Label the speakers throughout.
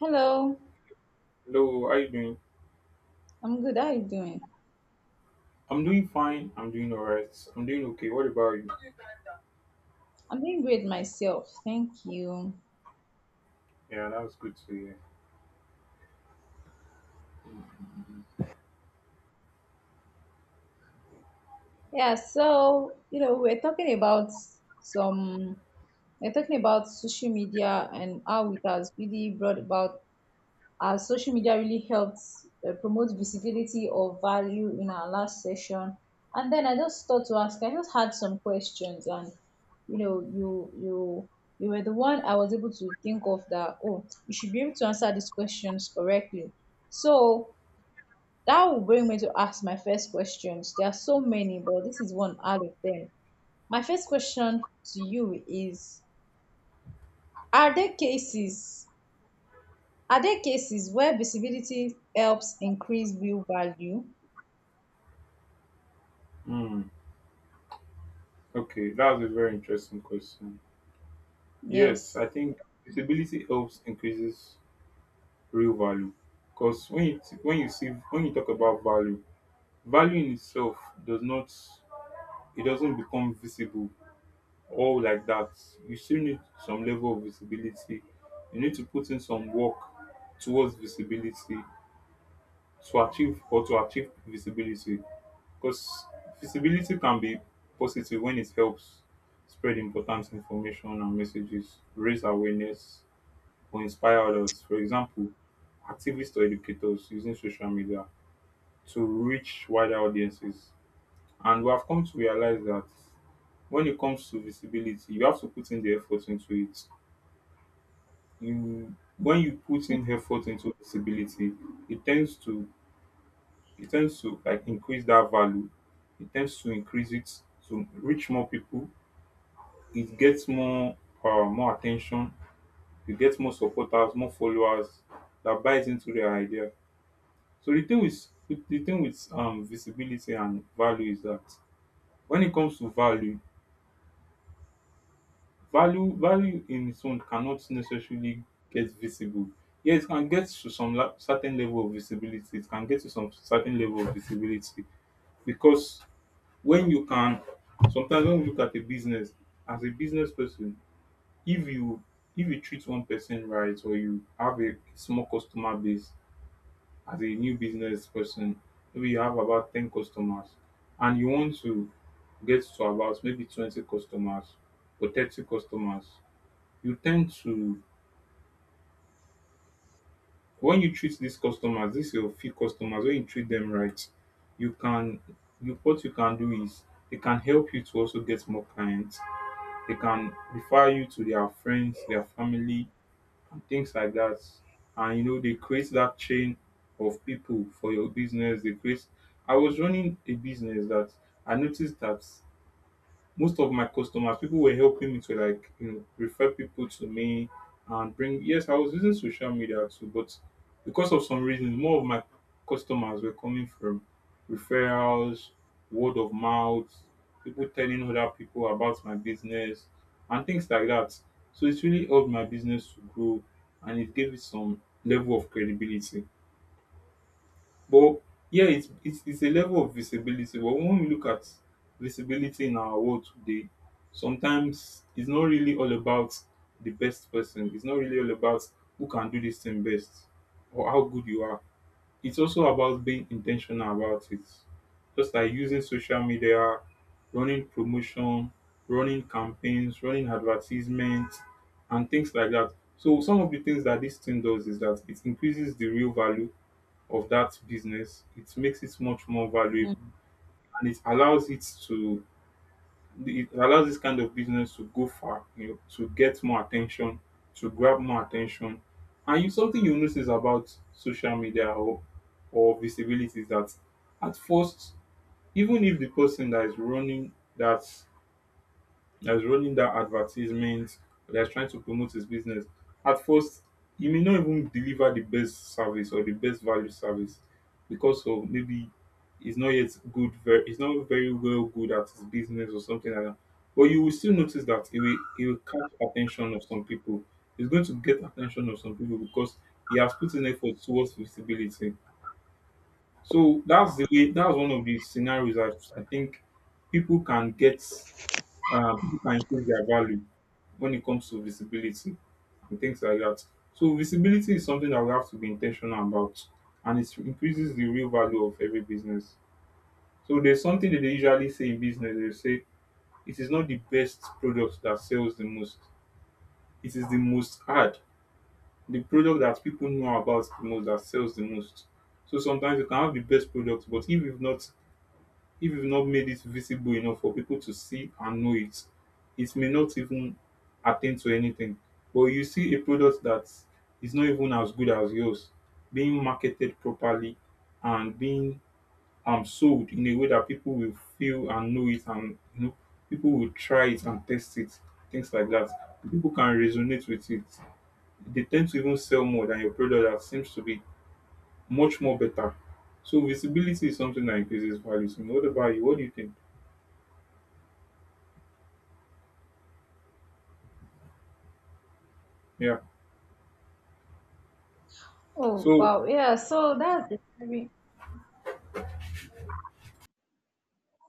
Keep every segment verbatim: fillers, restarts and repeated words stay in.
Speaker 1: Hello,
Speaker 2: Hello, how you doing?
Speaker 1: I'm good. How are you doing?
Speaker 2: I'm doing fine. I'm doing alright. I'm doing okay. What about you?
Speaker 1: I'm doing great myself. Thank you.
Speaker 2: Yeah, that was good to hear.
Speaker 1: Yeah, so, you know, we're talking about some, we're talking about social media and how it has really brought about, how social media really helps uh, promote visibility or value in our last session. And then I just thought to ask, I just had some questions and, you know, you, you, you were the one I was able to think of that, oh, you should be able to answer these questions correctly. So, that will bring me to ask my first questions. There are so many, but this is one out of them. My first question to you is, are there cases are there cases where visibility helps increase real value?
Speaker 2: Hmm. Okay, that was a very interesting question. Yes,
Speaker 1: Yes.
Speaker 2: I think visibility helps increases real value. Because when you when you see when you talk about value, value in itself does not it doesn't become visible all like that. You still need some level of visibility. You need to put in some work towards visibility to achieve or to achieve visibility because visibility can be positive when it helps spread important information and messages, raise awareness, or inspire others. For example, activists or educators using social media to reach wider audiences. And we have come to realize that when it comes to visibility, you have to put in the effort into it. You when you put in effort into visibility, it tends to it tends to like increase that value. It tends to increase it to reach more people. It gets more uh, more attention. You get more supporters, more followers that buys into their idea. So the thing with the thing with um visibility and value is that when it comes to value, value value in its own cannot necessarily get visible. Yes, it can get to some la- certain level of visibility. It can get to some certain level of visibility because when you can sometimes when we look at a business as a business person, if you if you treat one person right, or you have a small customer base as a new business person, maybe you have about ten customers and you want to get to about maybe twenty customers or thirty customers. You tend to When you treat these customers, these your few customers, when you treat them right, you can you what you can do is it can help you to also get more clients. They can refer you to their friends, their family, and things like that. And you know, they create that chain of people for your business. They create. I was running a business that I noticed that most of my customers, people were helping me to like you know refer people to me and bring. Yes, I was using social media too, but because of some reasons, more of my customers were coming from referrals, word of mouth, people telling other people about my business and things like that. So it really helped my business to grow and it gave it some level of credibility. But yeah, it's it's it's a level of visibility, but when we look at visibility in our world today, sometimes it's not really all about the best person. It's not really all about who can do this thing best or how good you are. It's also about being intentional about it. Just like using social media, running promotion, running campaigns, running advertisements, and things like that. So some of the things that this thing does is that it increases the real value of that business, it makes it much more
Speaker 1: Hmm.
Speaker 2: valuable, and it allows it to it allows this kind of business to go far, you know, to get more attention, to grab more attention. And you something you notice about social media or or visibility is that at first, even if the person that is running that that is running that advertisement, that is trying to promote his business. At first, he may not even deliver the best service or the best value service because of maybe he's not yet good, very, he's not very well good at his business or something like that. But you will still notice that he will, he will catch attention of some people. He's going to get attention of some people because he has put in effort towards visibility. So that's the way. That's one of the scenarios that I think people can get um, people can change their value when it comes to visibility and things like that. So visibility is something that we have to be intentional about, and it increases the real value of every business. So there's something that they usually say in business. They say it is not the best product that sells the most; it is the most ad, the product that people know about the most that sells the most. So sometimes you can have the best product, but if you've not if you've not made it visible enough for people to see and know it, it may not even attain to anything. But you see a product that is not even as good as yours being marketed properly and being um, sold in a way that people will feel and know it, and you know people will try it and test it, things like that. People can resonate with it. They tend to even sell more than your product that seems to be much more better. So visibility is something that increases values. And what about you? What do you think? Yeah.
Speaker 1: Oh
Speaker 2: So
Speaker 1: wow, yeah. So that's a very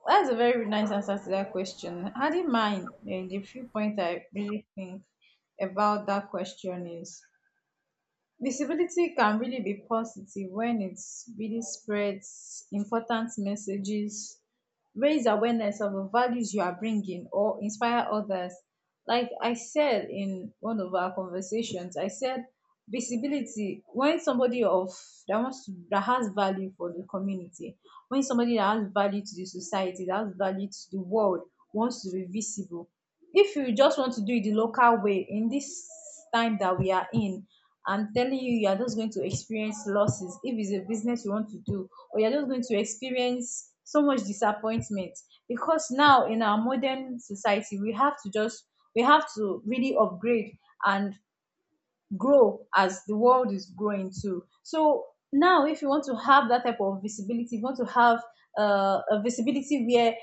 Speaker 1: that's a very nice answer to that question. I did mind eh, the few points I really think about that question is, visibility can really be positive when it really spreads important messages, raise awareness of the values you are bringing, or inspire others. Like I said in one of our conversations, I said visibility when somebody of that wants to, that has value for the community, when somebody that has value to the society, that has value to the world, wants to be visible. If you just want to do it the local way in this time that we are in, I'm telling you, you are just going to experience losses if it's a business you want to do, or you're just going to experience so much disappointment, because now in our modern society we have to just we have to really upgrade and grow as the world is growing too. So now, if you want to have that type of visibility, you want to have uh, a visibility where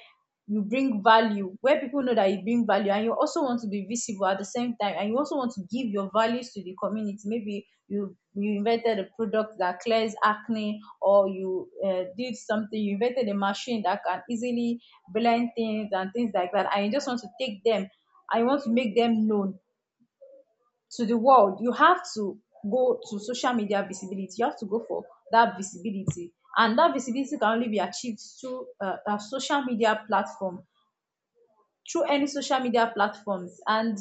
Speaker 1: you bring value, where people know that you bring value, and you also want to be visible at the same time, and you also want to give your values to the community. Maybe you you invented a product that clears acne, or you uh, did something, you invented a machine that can easily blend things and things like that, and you just want to take them I want to make them known to the world. You have to go to social media visibility, you have to go for that visibility, and that visibility can only be achieved through a, a social media platform, through any social media platforms, and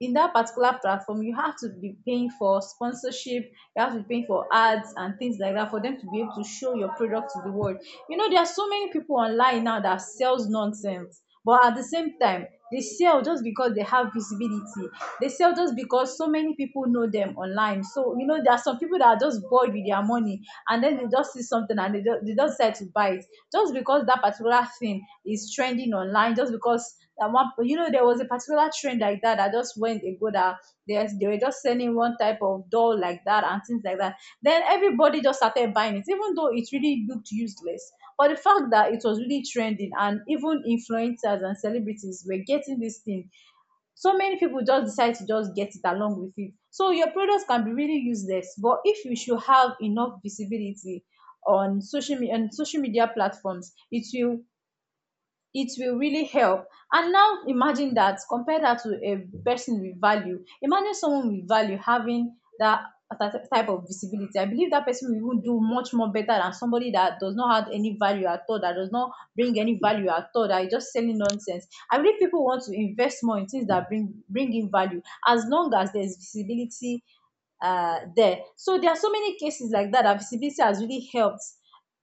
Speaker 1: in that particular platform you have to be paying for sponsorship, you have to be paying for ads and things like that, for them to be able to show your product to the world. You know, there are so many people online now that sells nonsense, but at the same time they sell just because they have visibility. They sell just because so many people know them online. So you know, there are some people that are just bored with their money, and then they just see something and they just, they just decide to buy it, just because that particular thing is trending online. Just because, and one, you know, there was a particular trend like that that just went ago, that they, they were just selling one type of doll like that and things like that. Then everybody just started buying it, even though it really looked useless. But the fact that it was really trending, and even influencers and celebrities were getting this thing, so many people just decide to just get it along with it. So your products can be really useless, but if you should have enough visibility on social media and social media platforms, it will it will really help. And now imagine that, compare that to a person with value. Imagine someone with value having that that type of visibility. I believe that person will even do much more better than somebody that does not have any value at all, that does not bring any value at all, that is just selling nonsense. I believe people want to invest more in things that bring bring in value, as long as there's visibility uh, there. So there are so many cases like that, that visibility has really helped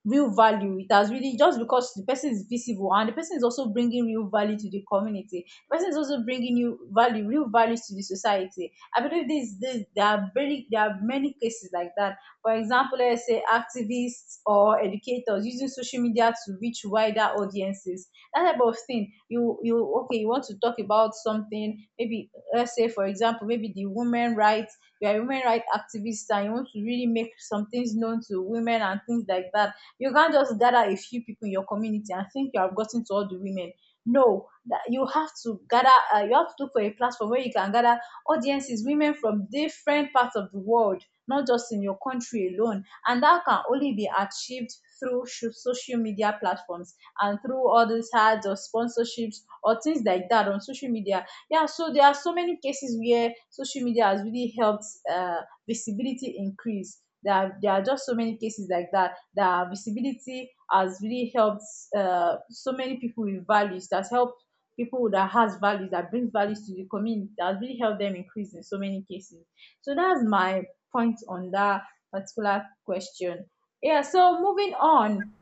Speaker 1: real value. It has really, just because the person is visible and the person is also bringing real value to the community. The person is also bringing you value, real value to the society. I believe this, this there are very there are many cases like that. For example, let's say activists or educators using social media to reach wider audiences. That type of thing. You you okay? You want to talk about something? Maybe let's say for example, maybe the women rights. You are a women rights activist and you want to really make some things known to women and things like that. You can't just gather a few people in your community and think you have gotten to all the women. No, that you have to gather. Uh, you have to look for a platform where you can gather audiences, women from different parts of the world, not just in your country alone, and that can only be achieved through sho- social media platforms, and through all these ads or sponsorships or things like that on social media. Yeah, so there are so many cases where social media has really helped uh, visibility increase. There are, there are just so many cases like that, that visibility has really helped uh, so many people with values. That's helped people that has values, that brings values to the community, that really helped them increase in so many cases. So that's my point on that particular question. Yeah, so moving on,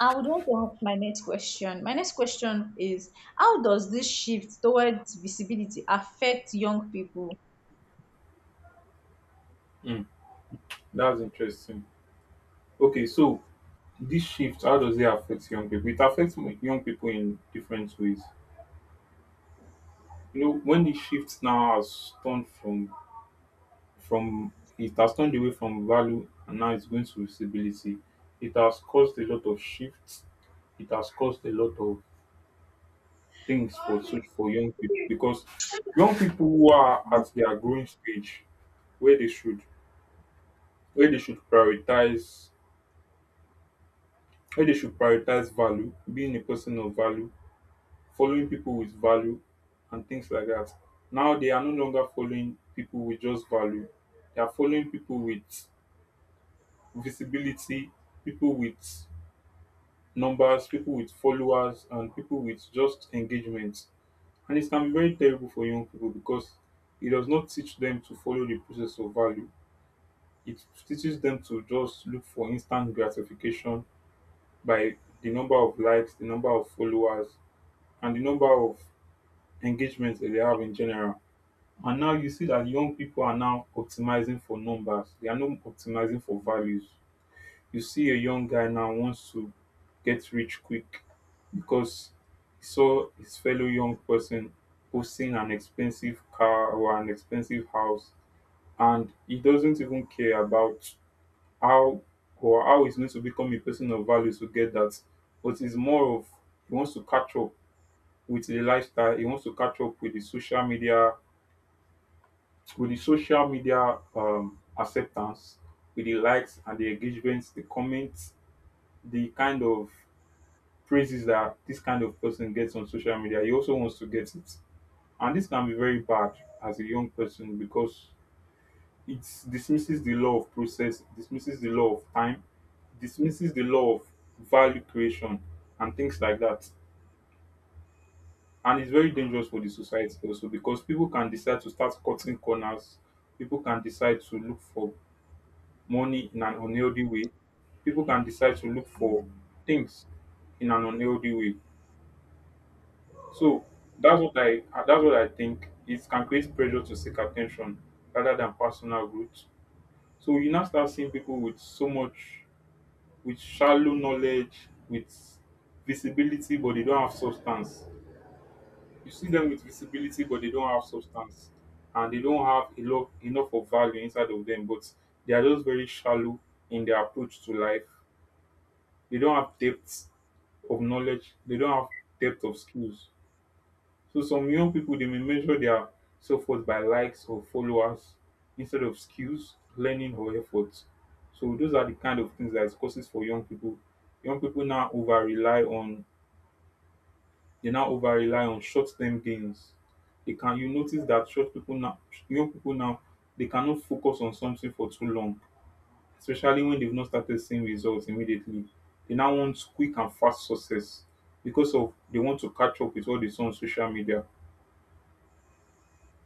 Speaker 1: I would want to ask my next question. My next question is, how does this shift towards visibility affect young people?
Speaker 2: mm, that's interesting. Okay, so this shift, how does it affect young people? It affects mo- young people in different ways. You know, when the shift now has turned from from it has turned away from value and now it's going to visibility. It has caused a lot of shifts. It has caused a lot of things for such for young people because young people who are at their growing stage, where they should where they should prioritize where they should prioritize value, being a person of value, following people with value and things like that. Now they are no longer following people with just value. They are following people with visibility, people with numbers, people with followers, and people with just engagement. And it can be very terrible for young people because it does not teach them to follow the process of value. It teaches them to just look for instant gratification by the number of likes, the number of followers, and the number of engagements that they have in general. And now you see that young people are now optimizing for numbers. They are not optimizing for values. You see a young guy now wants to get rich quick because he saw his fellow young person posting an expensive car or an expensive house, and he doesn't even care about how or how he's going to become a person of value to get that. But it's more of he wants to catch up with the lifestyle, he wants to catch up with the social media, with the social media um, acceptance, with the likes and the engagements, the comments, the kind of praises that this kind of person gets on social media, he also wants to get it. And this can be very bad as a young person because it dismisses the law of process, dismisses the law of time, dismisses the law of value creation and things like that. And it's very dangerous for the society also because people can decide to start cutting corners. People can decide to look for money in an unhealthy way. People can decide to look for things in an unhealthy way. So that's what I that's what I think. It can create pressure to seek attention rather than personal growth. So you now start seeing people with so much, with shallow knowledge, with visibility, but they don't have substance. You see them with visibility, but they don't have substance, and they don't have enough enough of value inside of them. But they are just very shallow in their approach to life. They don't have depth of knowledge. They don't have depth of skills. So some young people, they may measure their self worth by likes or followers instead of skills, learning or effort. So those are the kind of things that it causes for young people. Young people now over rely on They now over rely on short term gains. They can You notice that short people now young people now, they cannot focus on something for too long, especially when they've not started seeing results immediately. They now want quick and fast success because of they want to catch up with what they saw on social media.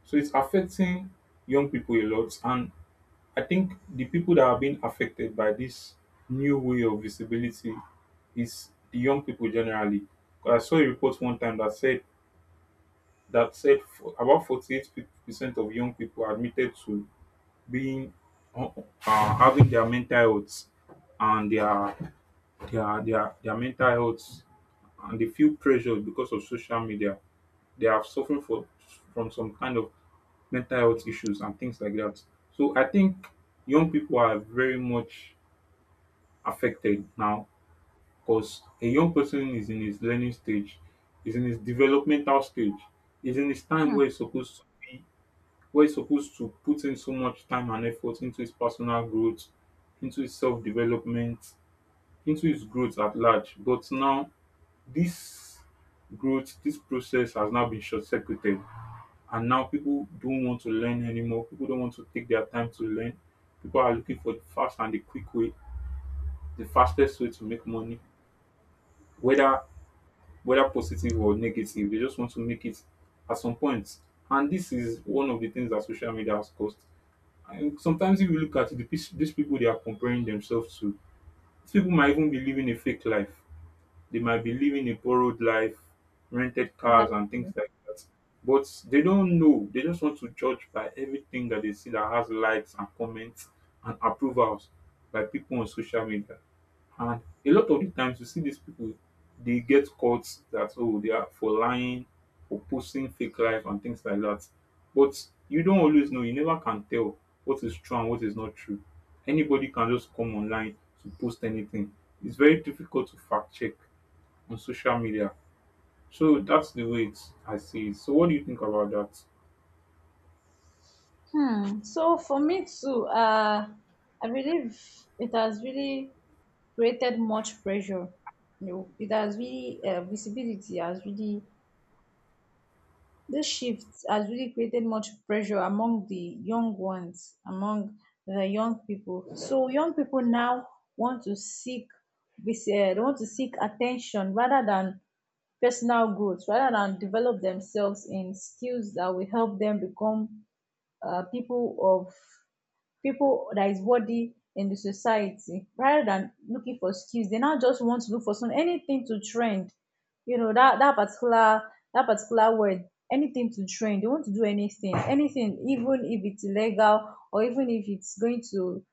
Speaker 2: So it's affecting young people a lot. And I think the people that are being affected by this new way of visibility is the young people generally. 'Cause I saw a report one time that said that said for- about forty-eight percent of young people admitted to being uh, uh, having their mental health and their their their their mental health, and they feel pressure because of social media. They are suffering for, from some kind of mental health issues and things like that. So I think young people are very much affected now because a young person is in his learning stage, is in his developmental stage, is in his time where he's supposed where he's supposed to put in so much time and effort into his personal growth, into his self development, into his growth at large. But now This growth, this process has now been short circuited, and now people don't want to learn anymore. People don't want to take their time to learn. People are looking for the fast and the quick way, the fastest way to make money, whether whether positive or negative. They just want to make it at some point, point. And this is one of the things that social media has caused. And sometimes, if you look at it, the, peo- these people they are comparing themselves to, these people might even be living a fake life. They might be living a borrowed life, rented cars and things
Speaker 1: Exactly.
Speaker 2: like that. But they don't know. They just want to judge by everything that they see that has likes and comments and approvals by people on social media. And a lot of the times you see these people, they get caught that, oh, they are for lying, for posting fake life and things like that. But you don't always know, you never can tell what is true and what is not true. Anybody can just come online to post anything. It's very difficult to fact check on social media. So that's the way it's, I see it. So what do you think about that?
Speaker 1: Hmm. So for me too, uh, I believe it has really created much pressure. You know, it has really, uh, visibility has really, this shift has really created much pressure among the young ones, among the young people. So young people now want to seek vis- uh, they want to seek attention rather than personal growth, rather than develop themselves in skills that will help them become uh, people of people that is worthy in the society. Rather than looking for skills, they now just want to look for some, anything to trend. You know, that that particular that particular word, anything to trend. They want to do anything, anything, even if it's illegal, or even if it's going to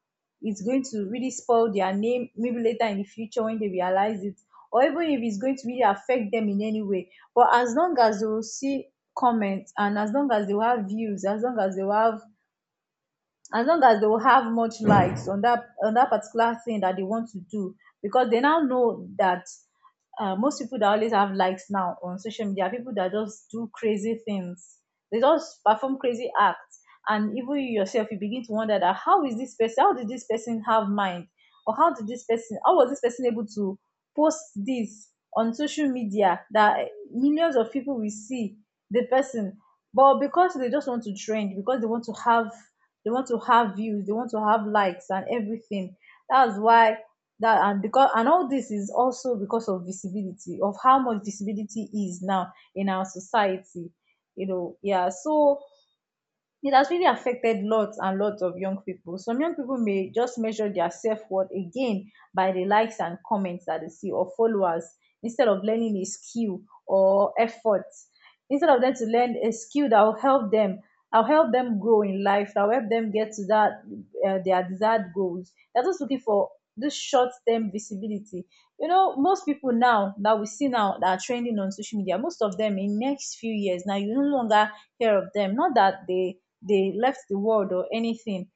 Speaker 1: it's going to really spoil their name maybe later in the future when they realize it, or even if it's going to really affect them in any way. But as long as they will see comments, and as long as they will have views, as long as they will have as long as they will have much likes on that on that particular thing that they want to do. Because they now know that uh, most people that always have likes now on social media are people that just do crazy things. They just perform crazy acts, and even you yourself, you begin to wonder that, how is this person? How did this person have mind, or how did this person? How was this person able to post this on social media that millions of people will see the person? But because they just want to trend, because they want to have, they want to have views, they want to have likes and everything. That's why that and because and all this is also because of visibility, of how much visibility is now in our society, you know yeah, so it has really affected lots and lots of young people. Some young people may just measure their self worth again by the likes and comments that they see, or followers, instead of learning a skill or effort. Instead of them to learn a skill that will help them, I'll help them grow in life, that will help them get to that uh, their desired goals. They're just looking for this short-term visibility. you know most people now that we see now that are trending on social media, most of them, in next few years, now you no longer hear of them. Not that they they left the world or anything.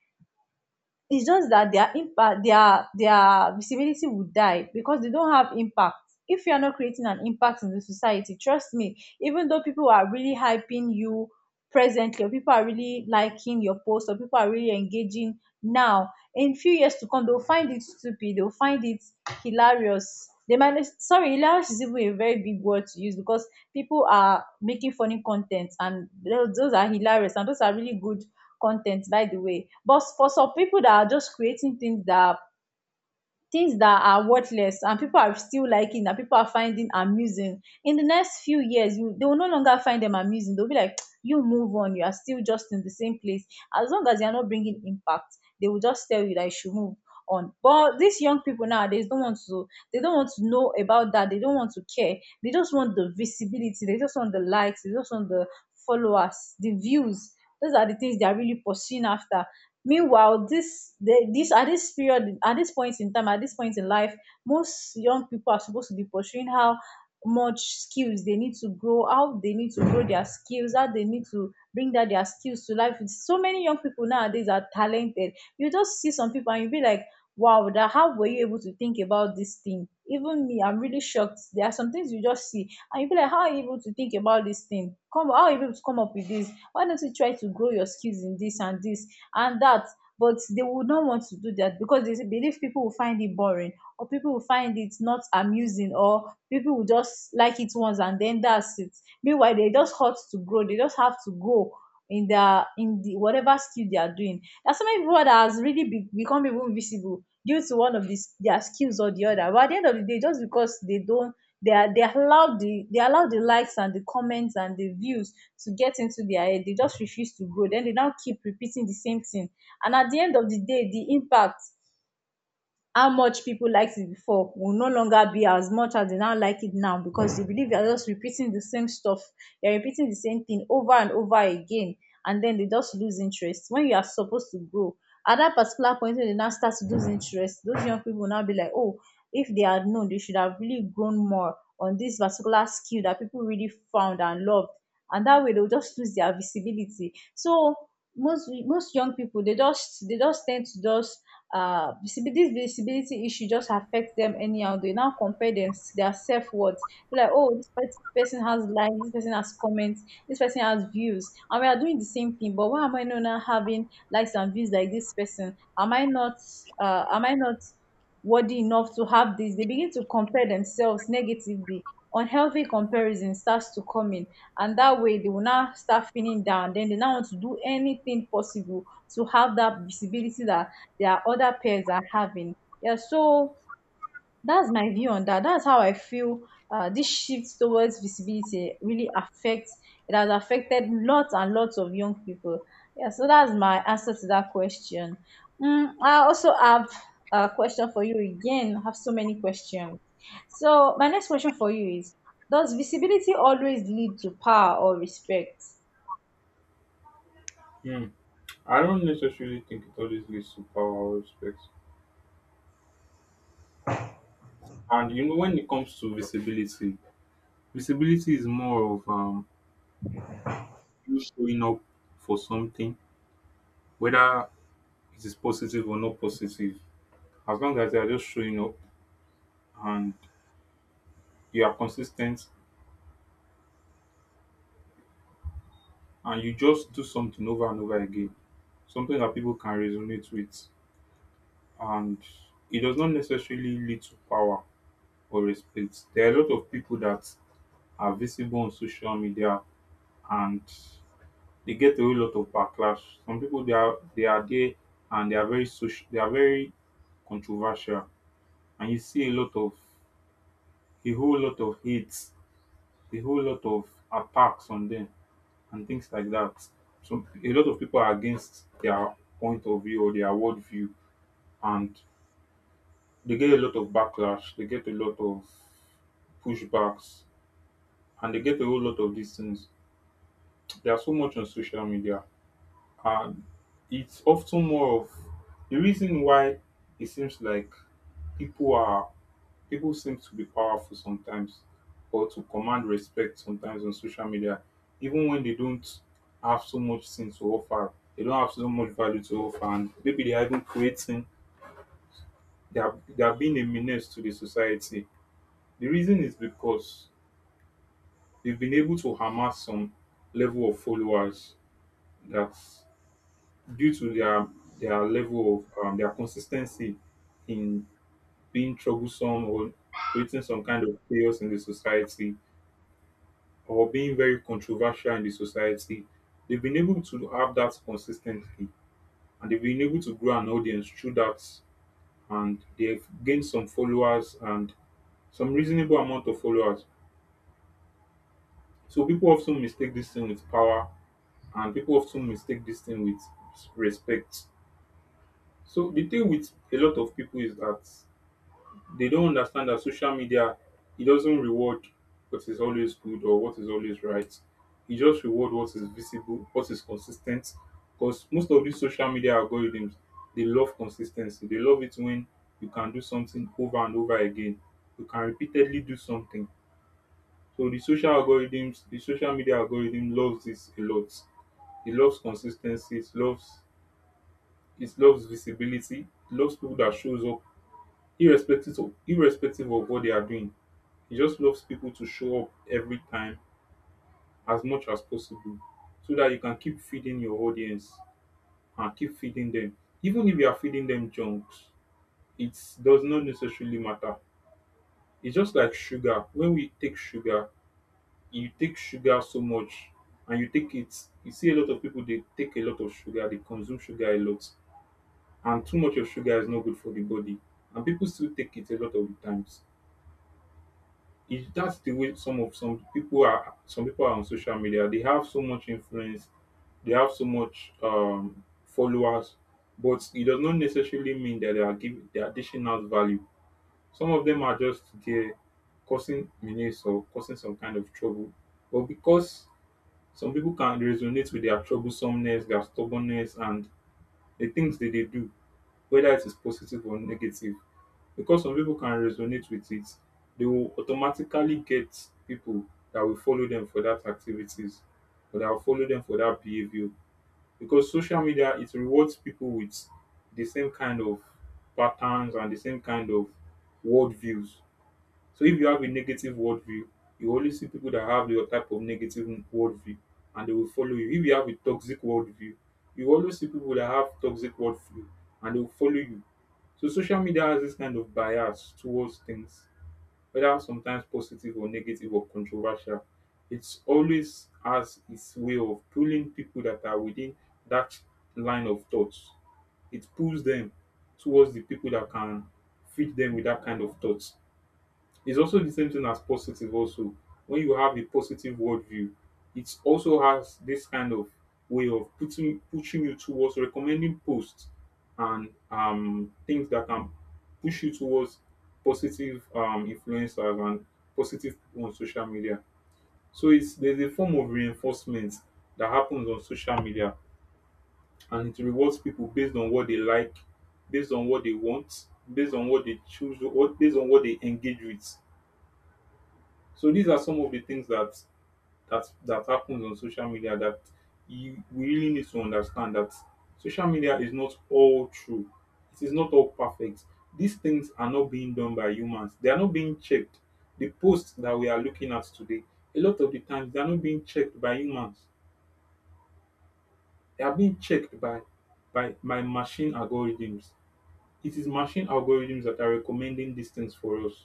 Speaker 1: It's just that their impact, their their visibility would die because they don't have impact. If you are not creating an impact in the society, trust me, even though people are really hyping you presently, or people are really liking your post, or people are really engaging now, in few years to come, they'll find it stupid, they'll find it hilarious, they might— sorry, hilarious is even a very big word to use, because people are making funny content and those, those are hilarious and those are really good content, by the way. But for some people that are just creating things that are things that are worthless, and people are still liking that, people are finding amusing, in the next few years, you, they will no longer find them amusing. They'll be like you move on, you are still just in the same place as long as you're not bringing impact. They will just tell you that you should move on. But these young people nowadays don't want to, they don't want to know about that, they don't want to care. They just want the visibility, they just want the likes, they just want the followers, the views. Those are the things they are really pursuing after. Meanwhile, this, dey dis at this period, at this point in time, at this point in life, most young people are supposed to be pursuing how much skills they need to grow, how they need to grow their skills, how they need to bring that their skills to life. With so many young people nowadays are talented, you just see some people and you be like, wow, that— how were you able to think about this thing? Even me, I'm really shocked. There are some things you just see and you be like, how are you able to think about this thing? Come, how are you able to come up with this? Why don't you try to grow your skills in this and this and that? But they would not want to do that because they believe people will find it boring, or people will find it not amusing, or people will just like it once and then that's it. Meanwhile, they just ought to grow, they just have to grow in their— in the whatever skill they are doing. There are so many people that has really be, become even visible due to one of these their skills or the other. But at the end of the day, just because they don't— they are— they allow the they allow the likes and the comments and the views to get into their head, they just refuse to grow, then they now keep repeating the same thing. And at the end of the day, the impact— how much people liked it before will no longer be as much as they now like it now, because they believe they are just repeating the same stuff. They're repeating the same thing over and over again, and then they just lose interest when you are supposed to grow. At that particular point, when they now start to lose interest, those young people will now be like, oh, if they had known, they should have really grown more on this particular skill that people really found and loved. And that way, they'll just lose their visibility. So most most young people, they just they just tend to just uh visibility— this visibility issue just affects them anyhow. They now compare them their self-worth, be like, oh, this pers- person has likes, this person has comments, this person has views, and we are doing the same thing, but why am I not now having likes and views like this person? Am I not uh am I not worthy enough to have this? They begin to compare themselves negatively. Unhealthy comparison starts to come in, and that way they will now start feeling down, then they now want to do anything possible to have that visibility that there are other pairs are having. Yeah, so that's my view on that. That's how I feel uh, this shift towards visibility really affects— it has affected lots and lots of young people. Yeah, so that's my answer to that question. Mm, I also have a question for you again. I have so many questions. So, my next question for you is, does visibility always lead to power or respect?
Speaker 2: Hmm. I don't necessarily think it always leads to power or respect. And you know, when it comes to visibility, visibility is more of um you showing up for something, whether it is positive or not positive. As long as you are just showing up and you are consistent and you just do something over and over again, something that people can resonate with, and it does not necessarily lead to power or respect. There are a lot of people that are visible on social media and they get a whole lot of backlash. Some people they are they are there and they are very social they are very controversial and you see a lot of a whole lot of hits, a whole lot of attacks on them and things like that. So a lot of people are against their point of view or their worldview and they get a lot of backlash, they get a lot of pushbacks and they get a whole lot of these things. There's so much on social media, and it's often more of the reason why it seems like people are people seem to be powerful sometimes or to command respect sometimes on social media, even when they don't have so much thing to offer. They don't have so much value to offer, and maybe they are even creating. They are they are being a menace to the society. The reason is because they've been able to amass some level of followers that due to their their level of um, their consistency in being troublesome or creating some kind of chaos in the society or being very controversial in the society, they've been able to have that consistently and they've been able to grow an audience through that and they've gained some followers and some reasonable amount of followers. So people often mistake this thing with power and people often mistake this thing with respect. So the thing with a lot of people is that they don't understand that social media it doesn't reward what is always good or what is always right. It just reward what is visible, what is consistent. Because most of these social media algorithms, they love consistency. They love it when you can do something over and over again. You can repeatedly do something. So the social algorithms, the social media algorithm loves this a lot. It loves consistency. It loves it loves visibility. It loves people that shows up irrespective of irrespective of what they are doing, he just loves people to show up every time as much as possible so that you can keep feeding your audience and keep feeding them. Even if you are feeding them junks, it does not necessarily matter. It's just like sugar. When we take sugar, you take sugar so much and you take it. You see a lot of people, they take a lot of sugar, they consume sugar a lot. And too much of sugar is not good for the body. And people still take it a lot of the times. It That's the way some of some people are. Some people are on social media, they have so much influence, they have so much um followers, but it does not necessarily mean that they are giving they are dishing out value. Some of them are just there causing menace or causing some kind of trouble, but because some people can resonate with their troublesomeness, their stubbornness and the things that they do, whether it is positive or negative, because some people can resonate with it, they will automatically get people that will follow them for that activities or that will follow them for that behavior. Because social media it rewards people with the same kind of patterns and the same kind of worldviews. So if you have a negative worldview, you only see people that have your type of negative worldview and they will follow you. If you have a toxic worldview, you always see people that have toxic worldview and they will follow you. So social media has this kind of bias towards things, whether sometimes positive or negative or controversial. It's always has its way of pulling people that are within that line of thoughts. It pulls them towards the people that can feed them with that kind of thought. It's also the same thing as positive also. When you have a positive worldview, it also has this kind of way of putting pushing you towards recommending posts and um things that can push you towards positive um influencers and positive people on social media. So it's there's a form of reinforcement that happens on social media and it rewards people based on what they like, based on what they want, based on what they choose, what based on what they engage with. So these are some of the things that that that happens on social media that you we really need to understand that social media is not all true. It is not all perfect. These things are not being done by humans. They are not being checked. The posts that we are looking at today, a lot of the times they are not being checked by humans. They are being checked by by by machine algorithms. It is machine algorithms that are recommending these things for us.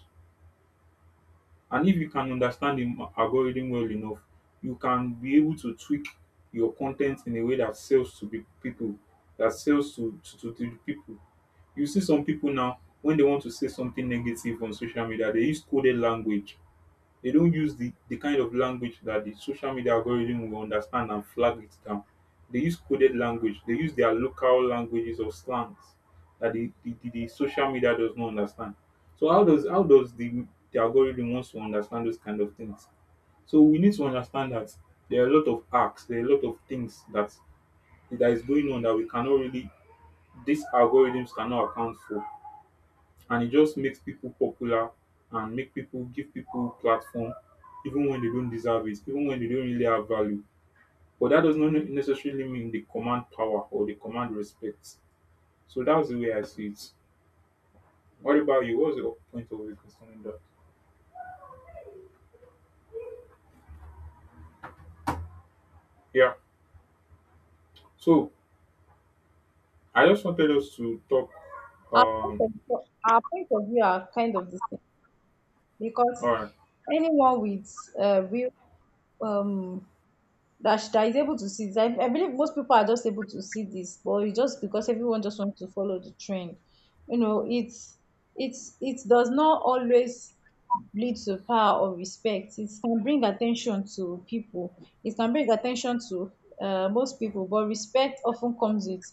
Speaker 2: And if you can understand the m- algorithm well enough, you can be able to tweak your content in a way that sells to pe- people, that sells to, to, to, to the people. You see some people now, when they want to say something negative on social media, they use coded language. They don't use the, the kind of language that the social media algorithm will understand and flag it down. They use coded language. They use their local languages or slangs that the, the, the, the social media does not understand. So how does how does the, the algorithm wants to understand those kind of things? So we need to understand that there are a lot of acts, there are a lot of things that that is going on that we cannot really, these algorithms cannot account for, and it just makes people popular and make people give people platform even when they don't deserve it, even when they don't really have value. But that does not necessarily mean they command power or they command respect. So that's the way I see it. What about you? What's your point of view concerning that? Yeah. So I just wanted us to talk.
Speaker 1: Our point
Speaker 2: Um.
Speaker 1: of, our point of view are kind of the same, because
Speaker 2: All right.
Speaker 1: anyone with uh, real, um, that she that is able to see this. I, I believe most people are just able to see this, but it's just because everyone just wants to follow the trend. You know, it's— it's— it does not always lead to power or respect. It can bring attention to people. It can bring attention to uh, most people, but respect often comes with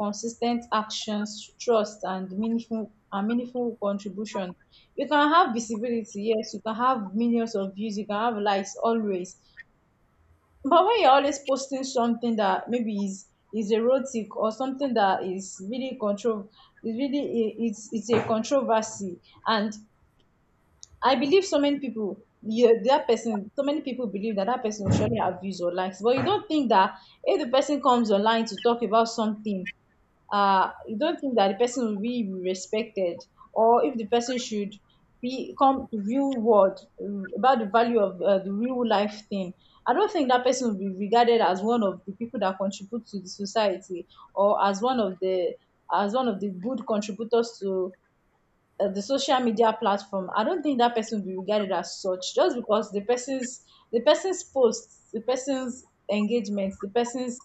Speaker 1: consistent actions, trust, and meaningful and meaningful contribution. You can have visibility, yes. You can have millions of views. You can have likes always, but when you're always posting something that maybe is is erotic, or something that is really control— is really i- it's it's a controversy, and I believe so many people— yeah, that person— so many people believe that that person will surely have views or likes, but you don't think that if the person comes online to talk about something, uh, you don't think that the person will be respected, or if the person should be— come to real world um, about the value of uh, the real life thing. I don't think that person will be regarded as one of the people that contribute to the society, or as one of the— as one of the good contributors to uh, the social media platform. I don't think that person will be regarded as such, just because the person's— the person's posts, the person's engagements, the person's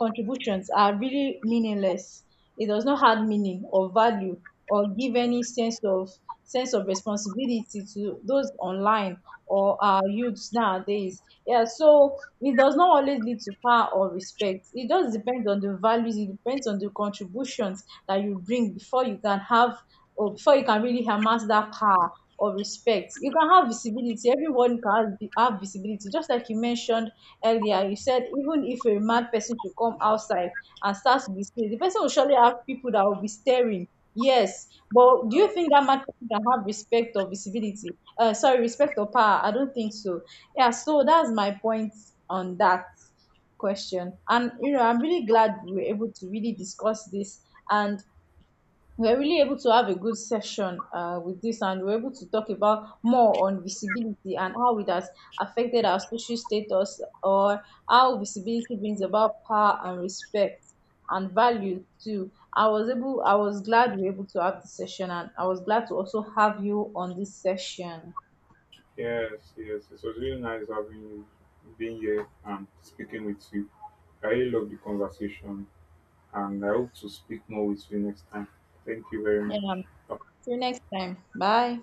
Speaker 1: contributions are really meaningless. It does not have meaning or value, or give any sense of— sense of responsibility to those online, or our youths nowadays. Yeah, so it does not always lead to power or respect. It just depends on the values, it depends on the contributions that you bring before you can have, or before you can really amass that power or respect. You can have visibility, everyone can have— vi- have visibility. Just like you mentioned earlier, you said even if a mad person should come outside and start to display, the person will surely have people that will be staring. Yes, but do you think that mad person can have respect or visibility— uh sorry, respect or power? I don't think so. Yeah, so that's my point on that question. And you know I'm really glad we were able to really discuss this, and we're really able to have a good session uh, with this, and we're able to talk about more on visibility and how it has affected our social status, or how visibility brings about power and respect and value too. I was able, I was glad we were able to have this session, and I was glad to also have you on this session.
Speaker 2: Yes. Yes. It was really nice having you, being here and speaking with you. I really love the conversation, and I hope to speak more with you next time. Thank you very much.
Speaker 1: Yeah.
Speaker 2: Bye.
Speaker 1: See you next time. Bye.